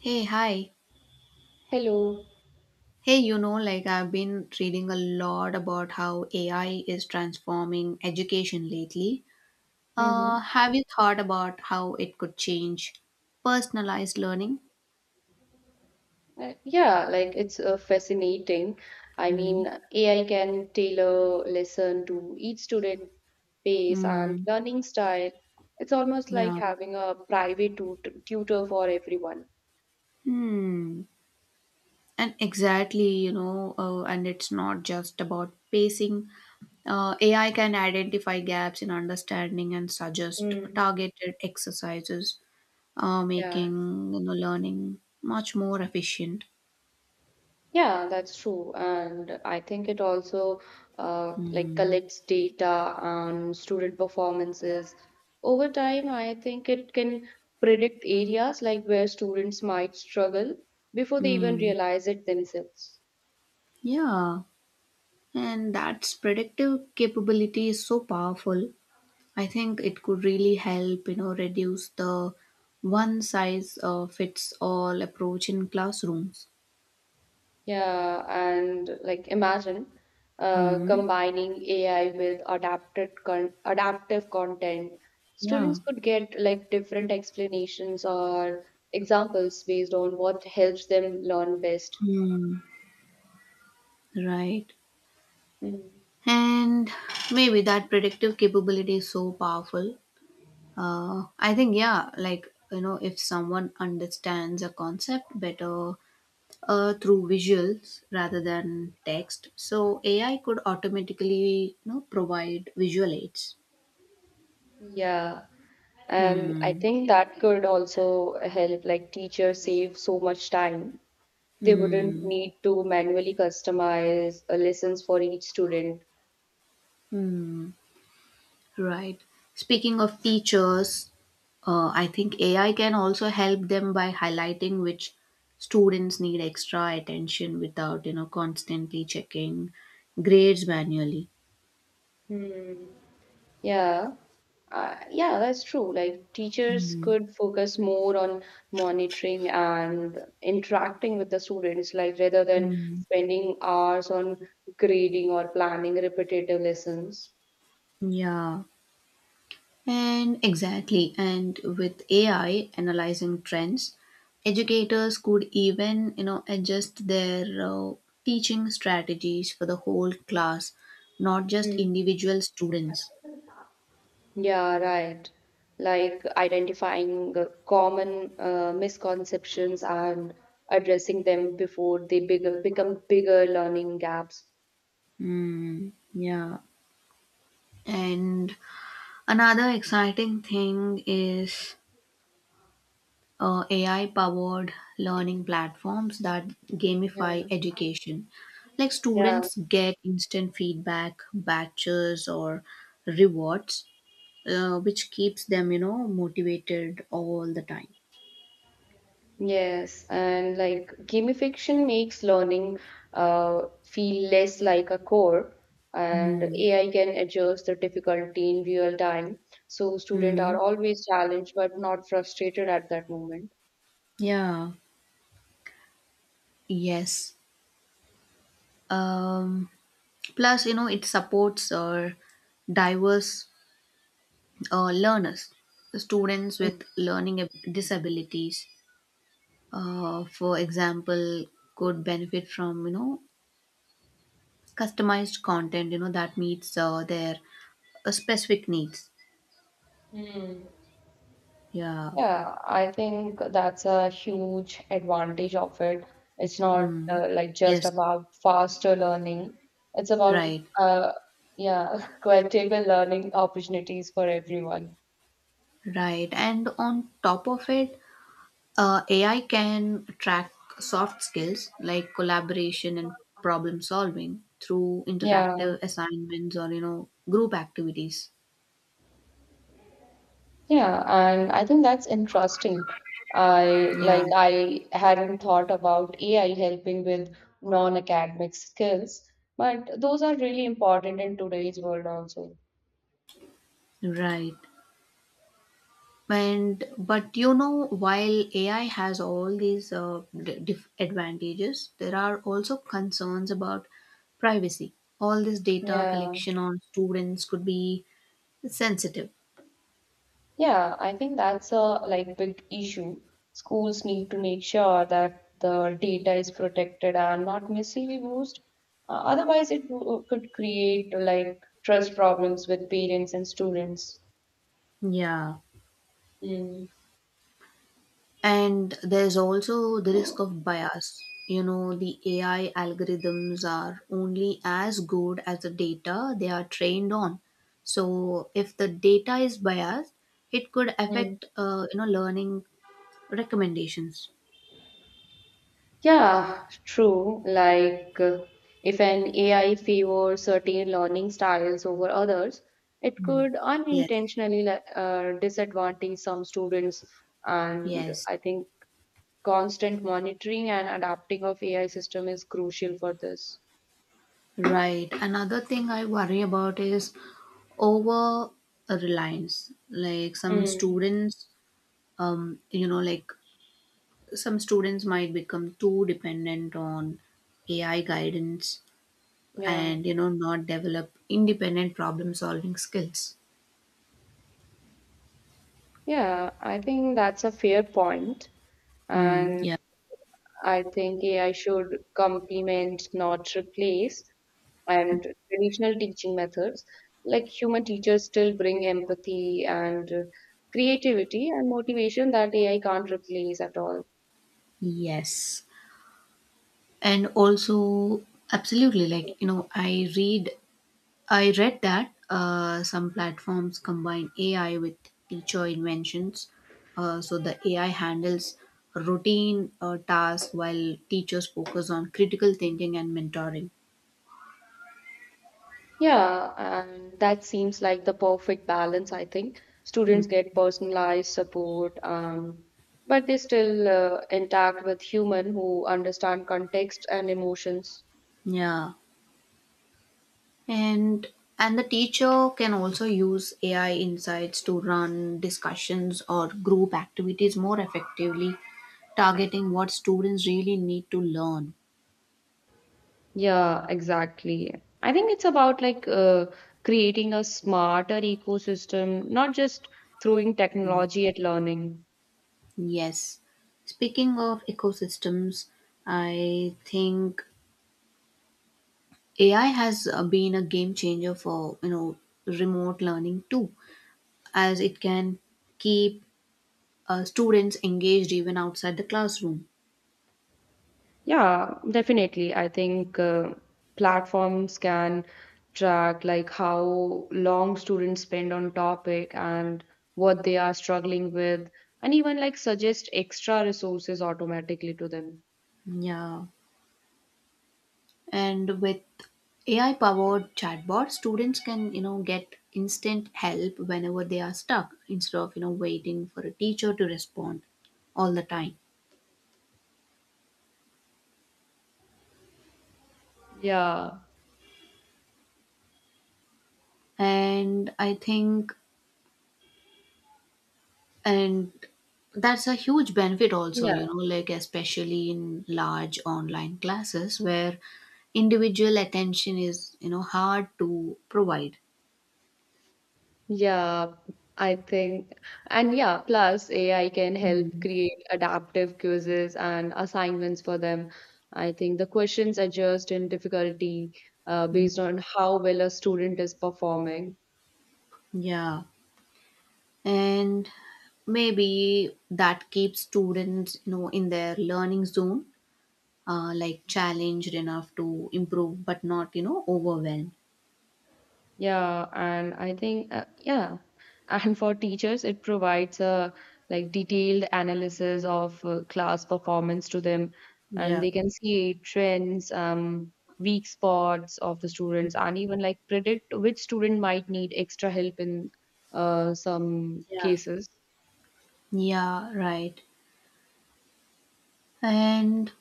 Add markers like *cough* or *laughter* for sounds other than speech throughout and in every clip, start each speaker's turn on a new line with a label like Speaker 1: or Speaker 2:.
Speaker 1: Hey, hi.
Speaker 2: Hello.
Speaker 1: Hey, you know, like I've been reading a lot about how AI is transforming education lately.
Speaker 2: Mm-hmm.
Speaker 1: Have you thought about how it could change personalized learning?
Speaker 2: Yeah, like it's fascinating. I
Speaker 1: Hmm.
Speaker 2: mean, AI can tailor lesson to each student pace and
Speaker 1: Hmm.
Speaker 2: learning style. It's almost like
Speaker 1: Yeah.
Speaker 2: having a private tutor for everyone.
Speaker 1: Hmm. And exactly, you know, and it's not just about pacing. AI can identify gaps in understanding and suggest
Speaker 2: Mm.
Speaker 1: targeted exercises,
Speaker 2: Yeah.
Speaker 1: making you know, learning much more efficient.
Speaker 2: Yeah, that's true. And I think it also like
Speaker 1: Mm,
Speaker 2: collects data on student performances. Over time, I think it can predict areas like where students might struggle before they even
Speaker 1: mm,
Speaker 2: realize it themselves.
Speaker 1: yeah, and that's predictive capability is so powerful. I think it could really help, you know, reduce the one size fits all approach in classrooms.
Speaker 2: Yeah, and like imagine
Speaker 1: Mm,
Speaker 2: combining AI with adapted con adaptive content.
Speaker 1: yeah.
Speaker 2: Students could get like different explanations or examples based on what helps them learn best.
Speaker 1: Hmm. Right.
Speaker 2: Mhm.
Speaker 1: And maybe that predictive capability is so powerful. I think, yeah, like, you know, if someone understands a concept better through visuals rather than text. So AI could automatically you know provide visual aids.
Speaker 2: Yeah, and I
Speaker 1: Hmm.
Speaker 2: think that could also help like teachers save so much time. They wouldn't
Speaker 1: Hmm.
Speaker 2: need to manually customize lessons for each student.
Speaker 1: Hmm. Right. Speaking of teachers, I think AI can also help them by highlighting which students need extra attention without you know constantly checking grades manually.
Speaker 2: Hmm. Yeah. Yeah, that's true. Like teachers
Speaker 1: Hmm.
Speaker 2: could focus more on monitoring and interacting with the students, like rather than spending hours on grading or planning repetitive lessons.
Speaker 1: Yeah. And exactly, and with AI analyzing trends, educators could even, you know, adjust their teaching strategies for the whole class, not just
Speaker 2: Mm.
Speaker 1: individual students.
Speaker 2: Yeah, right. Like identifying the common misconceptions and addressing them before become bigger learning gaps.
Speaker 1: Mm, yeah. And another exciting thing is AI powered learning platforms that
Speaker 2: Yeah.
Speaker 1: gamify education. Like
Speaker 2: Yeah.
Speaker 1: students get instant feedback, batches, or rewards which keeps them, you know, motivated all the time.
Speaker 2: Yes, and like gamification makes learning feel less like a core, and
Speaker 1: Mm.
Speaker 2: AI can adjust the difficulty in real time. So students are
Speaker 1: Mm.
Speaker 2: always challenged but not frustrated at that moment.
Speaker 1: Yeah. Yes. Um, Plus, you know, it supports diverse learners, students with disabilities, for example, could benefit from, you know, customized content, you know, that meets their specific needs.
Speaker 2: Hmm.
Speaker 1: Yeah.
Speaker 2: Yeah, I think that's a huge advantage of it. It's not
Speaker 1: Mm.
Speaker 2: like just
Speaker 1: Yes.
Speaker 2: about faster learning. It's about
Speaker 1: Right.
Speaker 2: uh yeah, *laughs* qualitative learning opportunities for everyone.
Speaker 1: Right. And on top of it, AI can track soft skills like collaboration and problem solving through interactive
Speaker 2: Yeah.
Speaker 1: assignments or you know group activities.
Speaker 2: Yeah, and I think that's interesting.
Speaker 1: Yeah,
Speaker 2: I hadn't thought about AI helping with non-academic skills, but those are really important in today's world also.
Speaker 1: right. And but you know, while AI has all these advantages, there are also concerns about privacy. All this data
Speaker 2: Yeah.
Speaker 1: collection on students could be sensitive.
Speaker 2: Yeah, I think that's a like big issue. Schools need to make sure that the data is protected and not misused. Otherwise, it could create like trust problems with parents and students.
Speaker 1: Yeah.
Speaker 2: Mm.
Speaker 1: And there's also the risk of bias. You know, the AI algorithms are only as good as the data they are trained on. So if the data is biased, it could
Speaker 2: Mm.
Speaker 1: affect, you know, learning recommendations.
Speaker 2: Yeah, true. Like, if an AI favors certain learning styles over others, it
Speaker 1: Mm.
Speaker 2: could
Speaker 1: Yes,
Speaker 2: unintentionally disadvantage some students. And
Speaker 1: yes,
Speaker 2: I think constant monitoring and adapting of AI system is crucial for this.
Speaker 1: right. Another thing I worry about is over reliance. Like some
Speaker 2: Mm,
Speaker 1: students, you know, like some students might become too dependent on AI guidance
Speaker 2: yeah,
Speaker 1: and you know not develop independent problem solving skills.
Speaker 2: yeah, I think that's a fair point.
Speaker 1: Mm,
Speaker 2: And
Speaker 1: yeah.
Speaker 2: I think AI should complement, not replace, and traditional teaching methods like human teachers still bring empathy and creativity and motivation that AI can't replace at all.
Speaker 1: Yes. And also absolutely like you know I read that some platforms combine AI with teacher inventions. So the AI handles routine tasks while teachers focus on critical thinking and mentoring.
Speaker 2: Yeah, and that seems like the perfect balance. I think students get personalized support, but they still intact with human who understand context and emotions.
Speaker 1: Yeah. and and the teacher can also use AI insights to run discussions or group activities more effectively, targeting what students really need to learn.
Speaker 2: Yeah, exactly. I think it's about like creating a smarter ecosystem, not just throwing technology at learning.
Speaker 1: Yes, speaking of ecosystems, I think AI has been a game changer for you know remote learning too, as it can keep students engaged even outside the classroom.
Speaker 2: Yeah, definitely. I think platforms can track like how long students spend on topic and what they are struggling with, and even like suggest extra resources automatically to them.
Speaker 1: Yeah, and with AI powered chatbot students can you know get instant help whenever they are stuck instead of you know waiting for a teacher to respond all the time.
Speaker 2: Yeah.
Speaker 1: And i think and that's a huge benefit also
Speaker 2: Yeah.
Speaker 1: you know like especially in large online classes where individual attention is you know hard to provide.
Speaker 2: Yeah, I think. And yeah, plus AI can help
Speaker 1: Mm,
Speaker 2: create adaptive quizzes and assignments for them. I think the questions adjust in difficulty
Speaker 1: mm.
Speaker 2: based on how well a student is performing.
Speaker 1: Yeah, and maybe that keeps students you know in their learning zone, like challenged enough to improve but not you know overwhelmed.
Speaker 2: Yeah, and I think and for teachers, it provides a like detailed analysis of class performance to them, and
Speaker 1: Yeah.
Speaker 2: they can see trends, weak spots of the students, and even like predict which student might need extra help in some
Speaker 1: Yeah.
Speaker 2: cases.
Speaker 1: yeah right and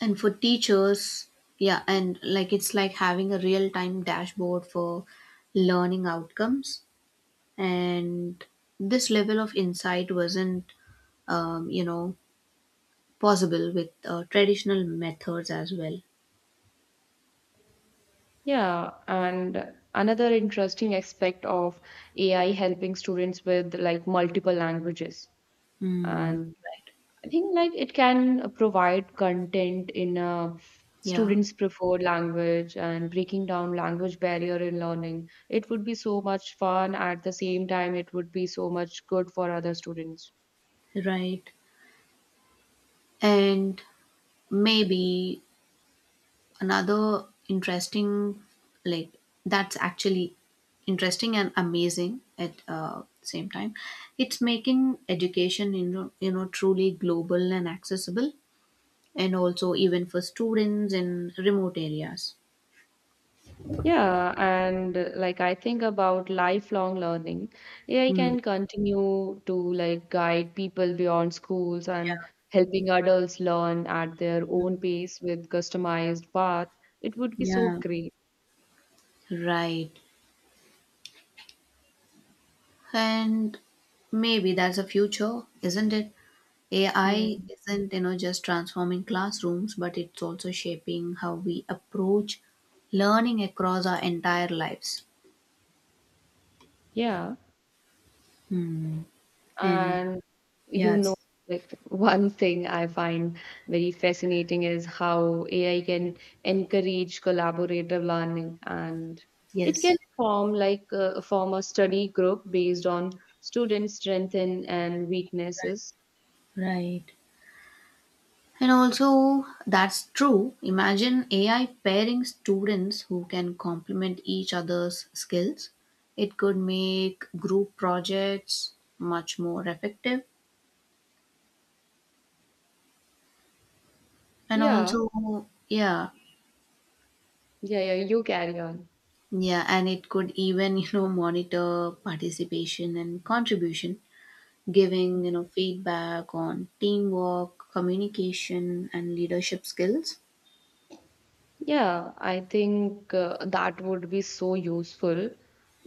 Speaker 1: and for teachers, yeah, and like it's like having a real time dashboard for learning outcomes. And this level of insight wasn't you know possible with traditional methods as well.
Speaker 2: Yeah, and another interesting aspect of AI helping students with like multiple languages.
Speaker 1: Mm,
Speaker 2: And
Speaker 1: right.
Speaker 2: I think like it can provide content in a
Speaker 1: Yeah,
Speaker 2: students preferred language and breaking down language barrier in learning. It would be so much fun. At the same time it would be so much good for other students.
Speaker 1: right. And maybe another interesting, like that's actually interesting and amazing at same time. It's making education, you know, truly global and accessible, and also even for students in remote areas.
Speaker 2: Yeah, and like I think about lifelong learning, AI
Speaker 1: Mm,
Speaker 2: can continue to like guide people beyond schools and helping adults learn at their own pace with customized path. It would be so
Speaker 1: yeah,
Speaker 2: great.
Speaker 1: right. And maybe that's the future, isn't it?
Speaker 2: Hmm.
Speaker 1: AI isn't, you know, just transforming classrooms, but it's also shaping how we approach learning across our entire lives.
Speaker 2: Yeah.
Speaker 1: Hmm. And
Speaker 2: And you know,
Speaker 1: yes,
Speaker 2: like one thing I find very fascinating is how AI can encourage collaborative learning, and it can
Speaker 1: yes,
Speaker 2: form like form a study group based on students' strengths and weaknesses.
Speaker 1: right. And also, that's true. Imagine AI pairing students who can complement each other's skills. It could make group projects much more effective. And
Speaker 2: Yeah,
Speaker 1: also, yeah,
Speaker 2: yeah, yeah. You carry on.
Speaker 1: yeah, and it could even, *laughs* you know, monitor participation and contribution, giving, you know, feedback on teamwork, communication, and leadership skills.
Speaker 2: Yeah, I think that would be so useful.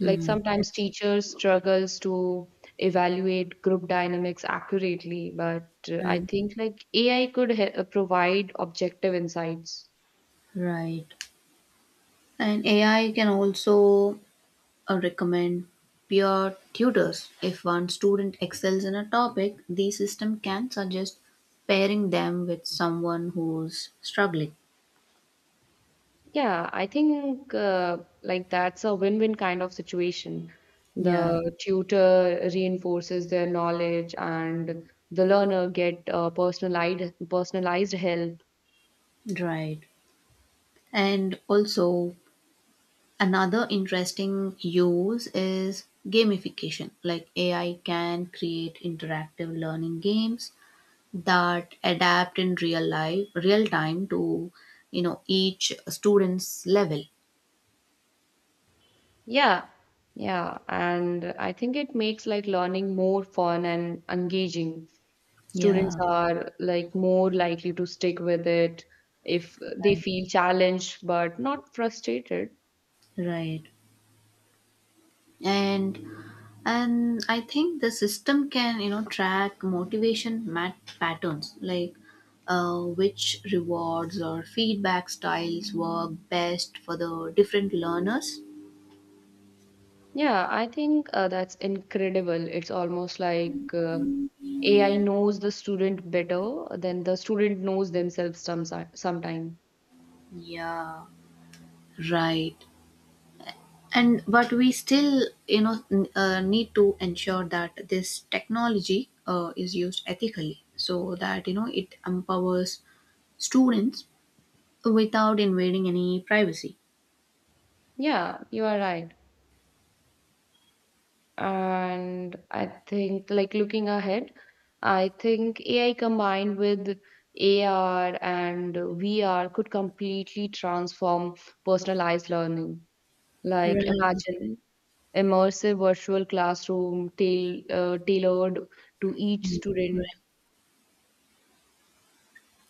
Speaker 2: Like sometimes
Speaker 1: Yes.
Speaker 2: teachers struggles to evaluate group dynamics accurately, but I
Speaker 1: And
Speaker 2: think like AI could he provide objective insights.
Speaker 1: right. And AI can also recommend peer tutors. If one student excels in a topic, the system can suggest pairing them with someone who's struggling.
Speaker 2: Yeah, I think like that's a win-win kind of situation.
Speaker 1: Yeah,
Speaker 2: The tutor reinforces their knowledge and the learner get personalized help.
Speaker 1: right. And also, another interesting use is gamification. Like AI can create interactive learning games that adapt in real time to, you know, each student's level.
Speaker 2: Yeah, yeah, and I think it makes like learning more fun and engaging. Students
Speaker 1: Yeah,
Speaker 2: are like more likely to stick with it if they
Speaker 1: right.
Speaker 2: feel challenged but not frustrated.
Speaker 1: Right. And and I think the system can you know track patterns like which rewards or feedback styles work best for the different learners.
Speaker 2: Yeah, I think that's incredible. It's almost like AI knows the student better than the student knows themselves sometime.
Speaker 1: Yeah, right. And but we still you know need to ensure that this technology is used ethically so that you know it empowers students without invading any privacy.
Speaker 2: Yeah, you are right. And I think, like looking ahead, I think AI combined with AR and VR could completely transform personalized learning. Like
Speaker 1: Right.
Speaker 2: imagine immersive virtual classroom tailored to each student.
Speaker 1: Right.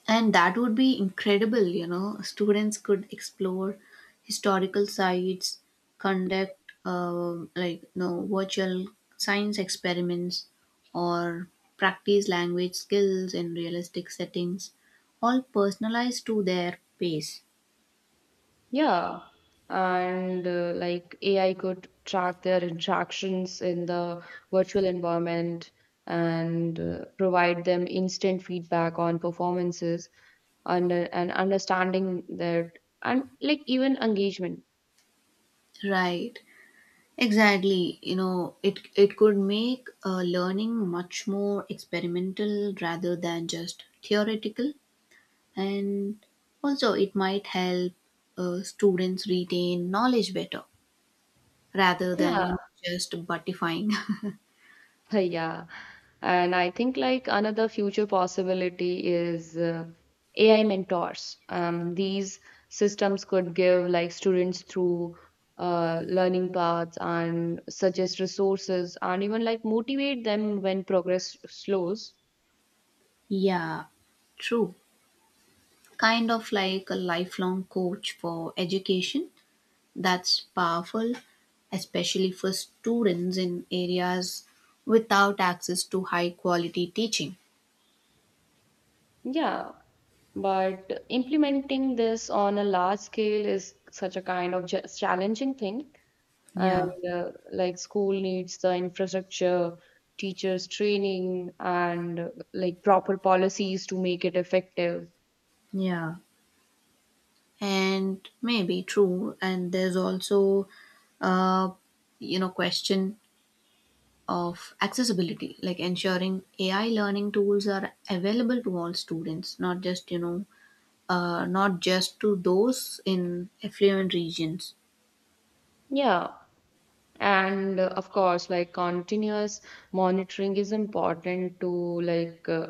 Speaker 1: And that would be incredible, you know. Students could explore historical sites, conduct like no virtual science experiments, or practice language skills in realistic settings, all personalized to their pace.
Speaker 2: Yeah, and like AI could track their interactions in the virtual environment and provide them instant feedback on performances and understanding their and like even engagement.
Speaker 1: Right. Exactly. You know, it could make learning much more experimental rather than just theoretical. And also it might help students retain knowledge better rather than
Speaker 2: Yeah,
Speaker 1: you know just butifying.
Speaker 2: *laughs* yeah. And I think like another future possibility is AI mentors. These systems could give like students through learning paths and suggest resources and even like motivate them when progress slows.
Speaker 1: *laughs* Yeah, true, kind of like a lifelong coach for education. That's powerful, especially for students in areas without access to high quality teaching.
Speaker 2: Yeah. But implementing this on a large scale is such a kind of challenging thing.
Speaker 1: Yeah,
Speaker 2: And like school needs the infrastructure, teachers training and like proper policies to make it effective.
Speaker 1: yeah, and maybe true. And there's also uh you know question of accessibility, like ensuring AI learning tools are available to all students, not just you know not just to those in affluent regions.
Speaker 2: Yeah, and of course like continuous monitoring is important to like uh,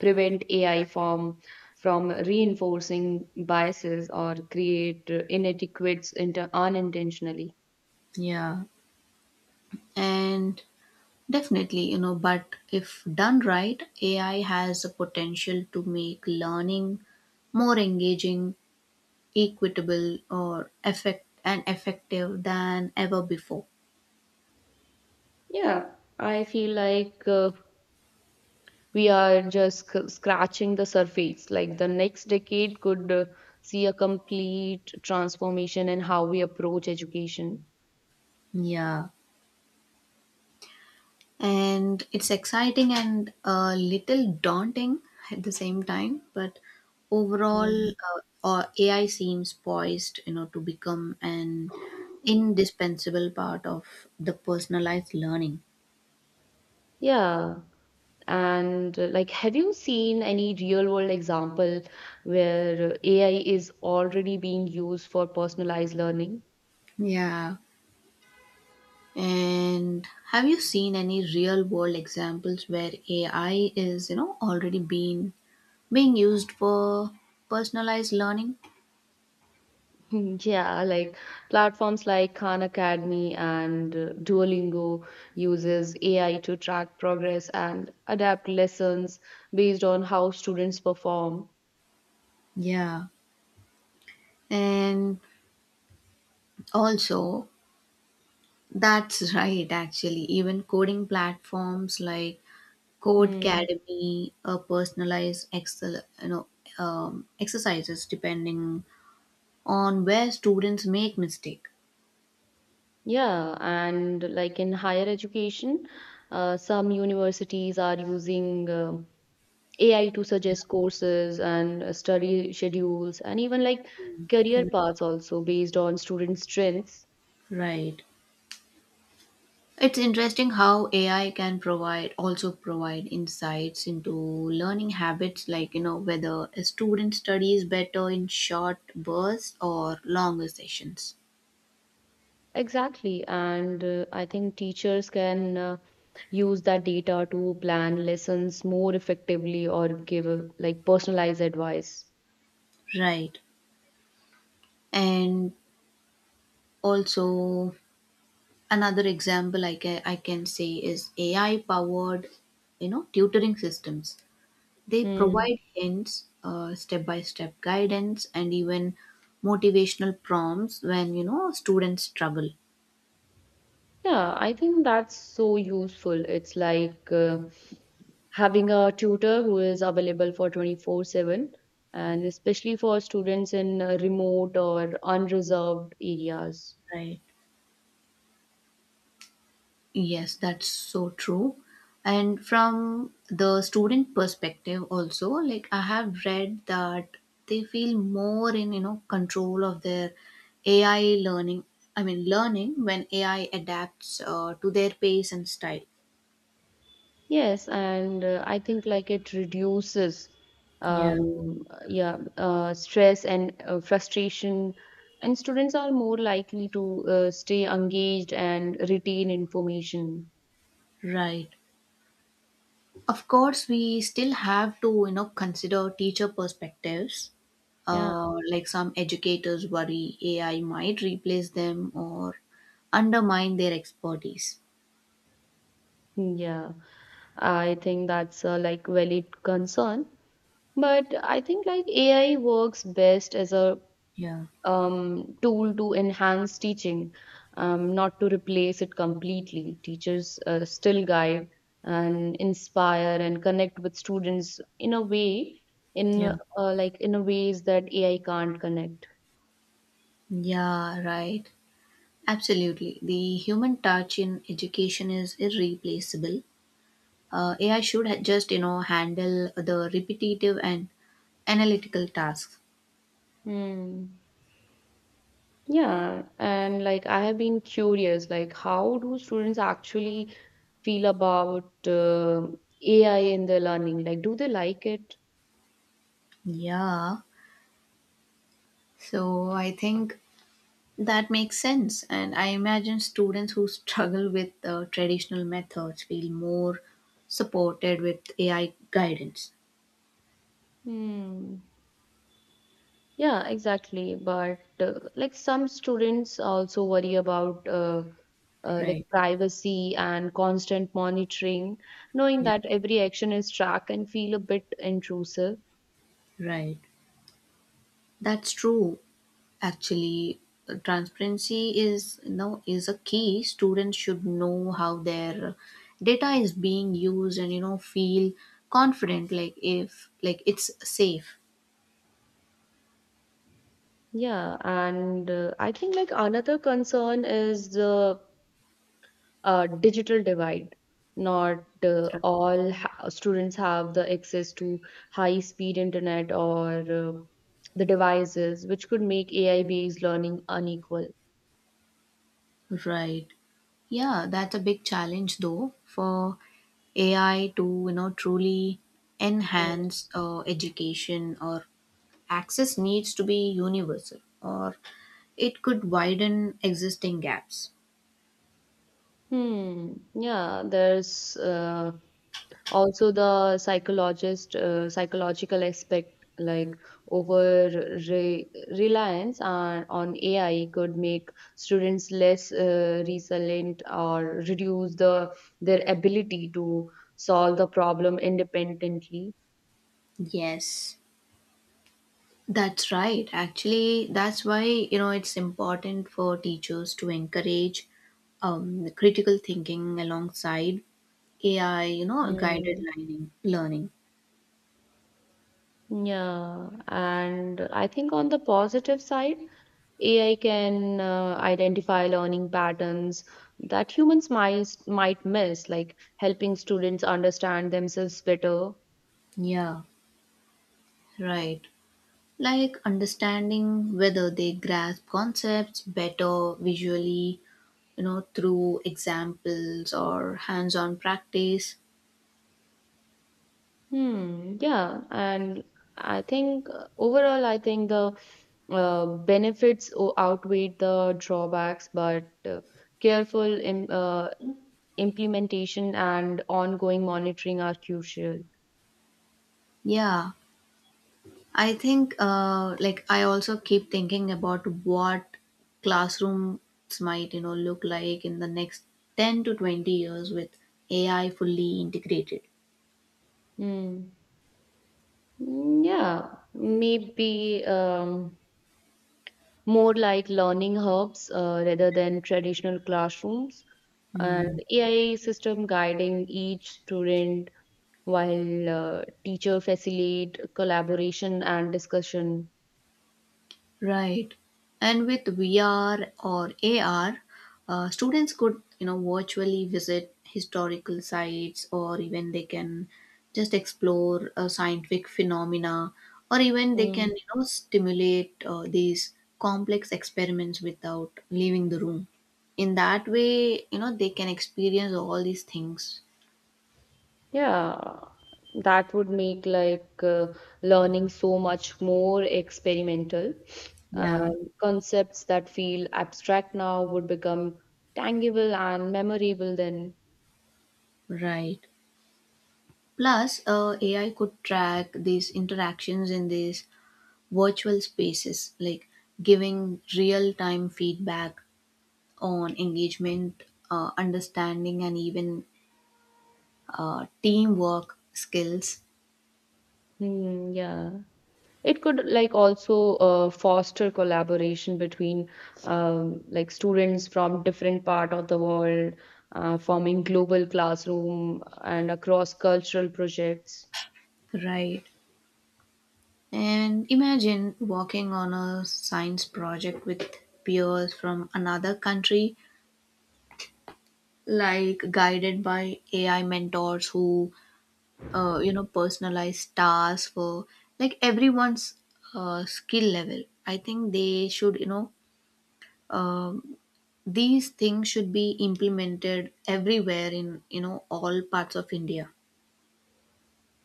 Speaker 2: prevent AI from reinforcing biases or create unintentionally.
Speaker 1: Yeah, and definitely you know but if done right, AI has the potential to make learning more engaging, equitable, or effective than ever before.
Speaker 2: Yeah, I feel like we are just scratching the surface. Like the next decade could see a complete transformation in how we approach education.
Speaker 1: Yeah, and it's exciting and a little daunting at the same time, but overall
Speaker 2: Mm.
Speaker 1: AI seems poised you know to become an indispensable part of the personalized learning.
Speaker 2: Yeah. And like, have you seen any real world example where AI is already being used for personalized learning?
Speaker 1: Yeah, and have you seen any real world examples where AI is you know already being being used for personalized learning?
Speaker 2: *laughs* Yeah, like platforms like Khan Academy and Duolingo uses AI to track progress and adapt lessons based on how students perform.
Speaker 1: Yeah, and also that's right, actually. Even coding platforms like
Speaker 2: Hmm.
Speaker 1: Codecademy personalize excel, you know, exercises depending on where students make mistake.
Speaker 2: Yeah, and like in higher education, some universities are using AI to suggest courses and study schedules and even like
Speaker 1: Yeah.
Speaker 2: career paths also based on student strengths.
Speaker 1: Right. It's interesting how AI can provide also provide insights into learning habits, like you know whether a student studies better in short bursts or longer sessions.
Speaker 2: Exactly. And I think teachers can use that data to plan lessons more effectively or give like personalized advice.
Speaker 1: Right. And also, another example I can say is AI powered, you know, tutoring systems. They
Speaker 2: Hmm.
Speaker 1: provide hints, step by step guidance, and even motivational prompts when you know students struggle.
Speaker 2: Yeah, I think that's so useful. It's like having a tutor who is available for 24/7, and especially for students in remote or unreserved areas.
Speaker 1: Right. Yes, that's so true. And from the student perspective also, like I have read that they feel more in, you know, control of their AI learning. I mean, learning when AI adapts to their pace and style.
Speaker 2: Yes, and I think like it reduces
Speaker 1: Yeah.
Speaker 2: yeah stress and frustration, and students are more likely to stay engaged and retain information.
Speaker 1: Right. Of course, we still have to, you know, consider teacher perspectives.
Speaker 2: Yeah,
Speaker 1: Like some educators worry AI might replace them or undermine their expertise.
Speaker 2: yeah, I think that's a like valid concern. But I think like AI works best as a
Speaker 1: Yeah.
Speaker 2: tool to enhance teaching, not to replace it completely. Teachers still guide and inspire and connect with students in a way, in uh,
Speaker 1: Yeah.
Speaker 2: in a ways that AI can't connect.
Speaker 1: Yeah, right. Absolutely. The human touch in education is irreplaceable. AI should just, you know, handle the repetitive and analytical tasks.
Speaker 2: Hmm. Yeah, and like I have been curious, like how do students actually feel about AI in their learning? Like, do they like it?
Speaker 1: Yeah. So I think that makes sense. And I imagine students who struggle with traditional methods feel more supported with AI guidance.
Speaker 2: Hmm. Yeah, exactly. But like some students also worry about like
Speaker 1: Right.
Speaker 2: privacy and constant monitoring, knowing
Speaker 1: Yeah.
Speaker 2: that every action is tracked and feel a bit intrusive.
Speaker 1: Right. That's true. Actually, transparency is a key. Students should know how their data is being used and you know feel confident like if like it's safe.
Speaker 2: Yeah, and I think like another concern is the digital divide. Not all ha students have the access to high-speed internet or the devices, which could make AI-based learning unequal.
Speaker 1: Right. Yeah, that's a big challenge though for AI to you know truly enhance education, or access needs to be universal or it could widen existing gaps.
Speaker 2: Hmm. Yeah, there's also the psychologist psychological aspect like over re- reliance on AI could make students less resilient or reduce the their ability to solve the problem independently.
Speaker 1: Yes. That's right. Actually, that's why you know it's important for teachers to encourage critical thinking alongside AI. You know, guided
Speaker 2: Hmm.
Speaker 1: Learning.
Speaker 2: Yeah, and I think on the positive side, AI can identify learning patterns that might miss, like helping students understand themselves better.
Speaker 1: Yeah, right. Like understanding whether they grasp concepts better visually. You know, through examples or hands-on practice.
Speaker 2: Hmm, yeah, and I think overall, I think the benefits outweigh the drawbacks, but careful im implementation and ongoing monitoring are crucial.
Speaker 1: Yeah, I think, like, I also keep thinking about what classrooms might, you know, look like in the next 10 to 20 years with AI fully integrated.
Speaker 2: Hmm. Mm, yeah, maybe. More like learning hubs rather than traditional classrooms, and
Speaker 1: Hmm.
Speaker 2: AI system guiding each student while teacher facilitate collaboration and discussion.
Speaker 1: Right. And with VR or AR, students could, you know, virtually visit historical sites, or even they can just explore scientific phenomena, or even they can,
Speaker 2: Mm.
Speaker 1: you know, stimulate these complex experiments without leaving the room. In that way, you know, they can experience all these things.
Speaker 2: Yeah, that would make like learning so much more experimental.
Speaker 1: Yeah,
Speaker 2: And concepts that feel abstract now would become tangible and memorable then.
Speaker 1: right. Plus, AI could track these interactions in these virtual spaces, like giving real time feedback on engagement, understanding, and even teamwork skills.
Speaker 2: Hmm, yeah. It could like also foster collaboration between like students from different part of the world, forming global classroom and across cultural projects.
Speaker 1: Right. And imagine working on a science project with peers from another country, like guided by AI mentors who, you know, personalize tasks for like everyone's skill level. I think they should, you know, uh, these things should be implemented everywhere in you know all parts of India.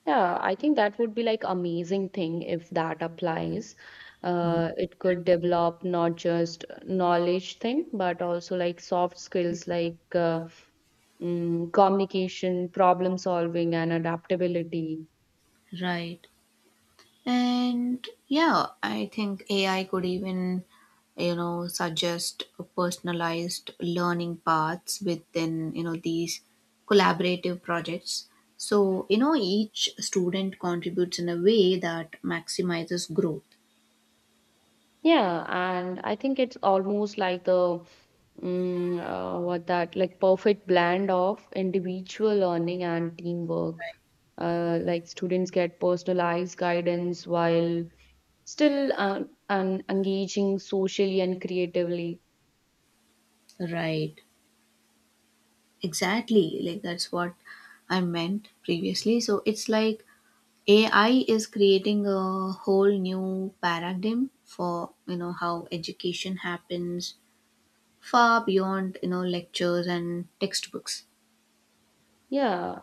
Speaker 2: Yeah, I think that would be like amazing thing if that applies. It could develop not just knowledge thing, but also like soft skills like mm, communication, problem solving, and adaptability.
Speaker 1: Right, and yeah, I think AI could even you know suggest personalized learning paths within you know these collaborative projects, so you know each student contributes in a way that maximizes growth.
Speaker 2: Yeah, and I think it's almost like the mm, what that like perfect blend of individual learning and teamwork. Like students get personalized guidance while still and engaging socially and creatively.
Speaker 1: Right, exactly, like that's what I meant previously, so it's like AI is creating a whole new paradigm for you know how education happens, far beyond you know lectures and textbooks.
Speaker 2: Yeah,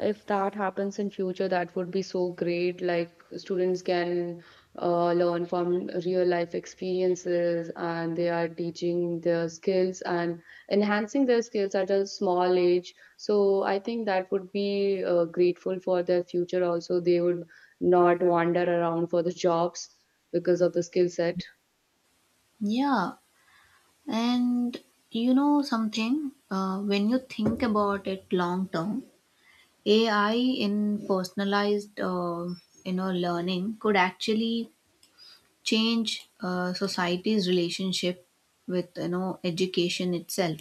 Speaker 2: if that happens in future, that would be so great. Like students can learn from real life experiences, and they are teaching their skills and enhancing their skills at a small age. So I think that would be grateful for their future. Also, they would not wander around for the jobs because of the skill set.
Speaker 1: Yeah, and you know something when you think about it long term, AI in personalized you know learning could actually change society's relationship with you know education itself.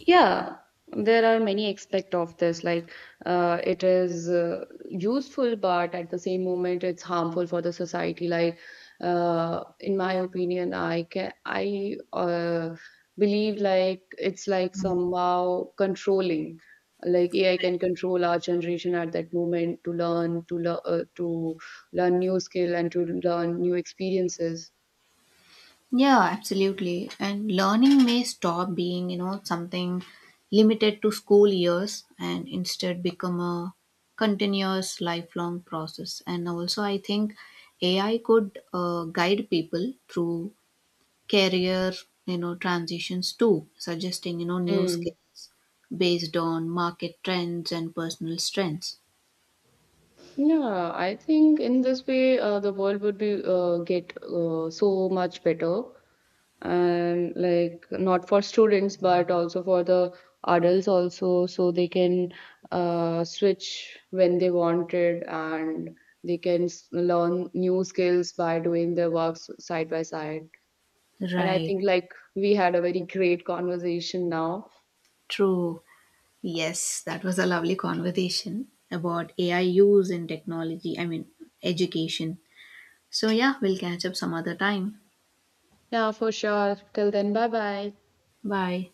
Speaker 2: Yeah, there are many aspects of this. Like, it is useful, but at the same moment, it's harmful for the society. Like, in my opinion, I believe like it's like somehow controlling. Like AI can control our generation at that moment to learn to learn new skill and to learn new experiences.
Speaker 1: Yeah, absolutely. And learning may stop being, you know, something limited to school years and instead become a continuous lifelong process. And also, I think AI could guide people through career, you know, transitions too, suggesting, you know, new skills based on market trends and personal strengths.
Speaker 2: Yeah, I think in this way, the world would be get so much better, and like not for students, but also for the adults also, so they can switch when they wanted, and they can learn new skills by doing their works side by side. And I
Speaker 1: Right,
Speaker 2: think like we had a very great conversation now.
Speaker 1: true. Yes, that was a lovely conversation about AI use in technology, I mean, education. So, yeah, we'll catch up some other time.
Speaker 2: Yeah, for sure. Till then, bye bye.
Speaker 1: Bye.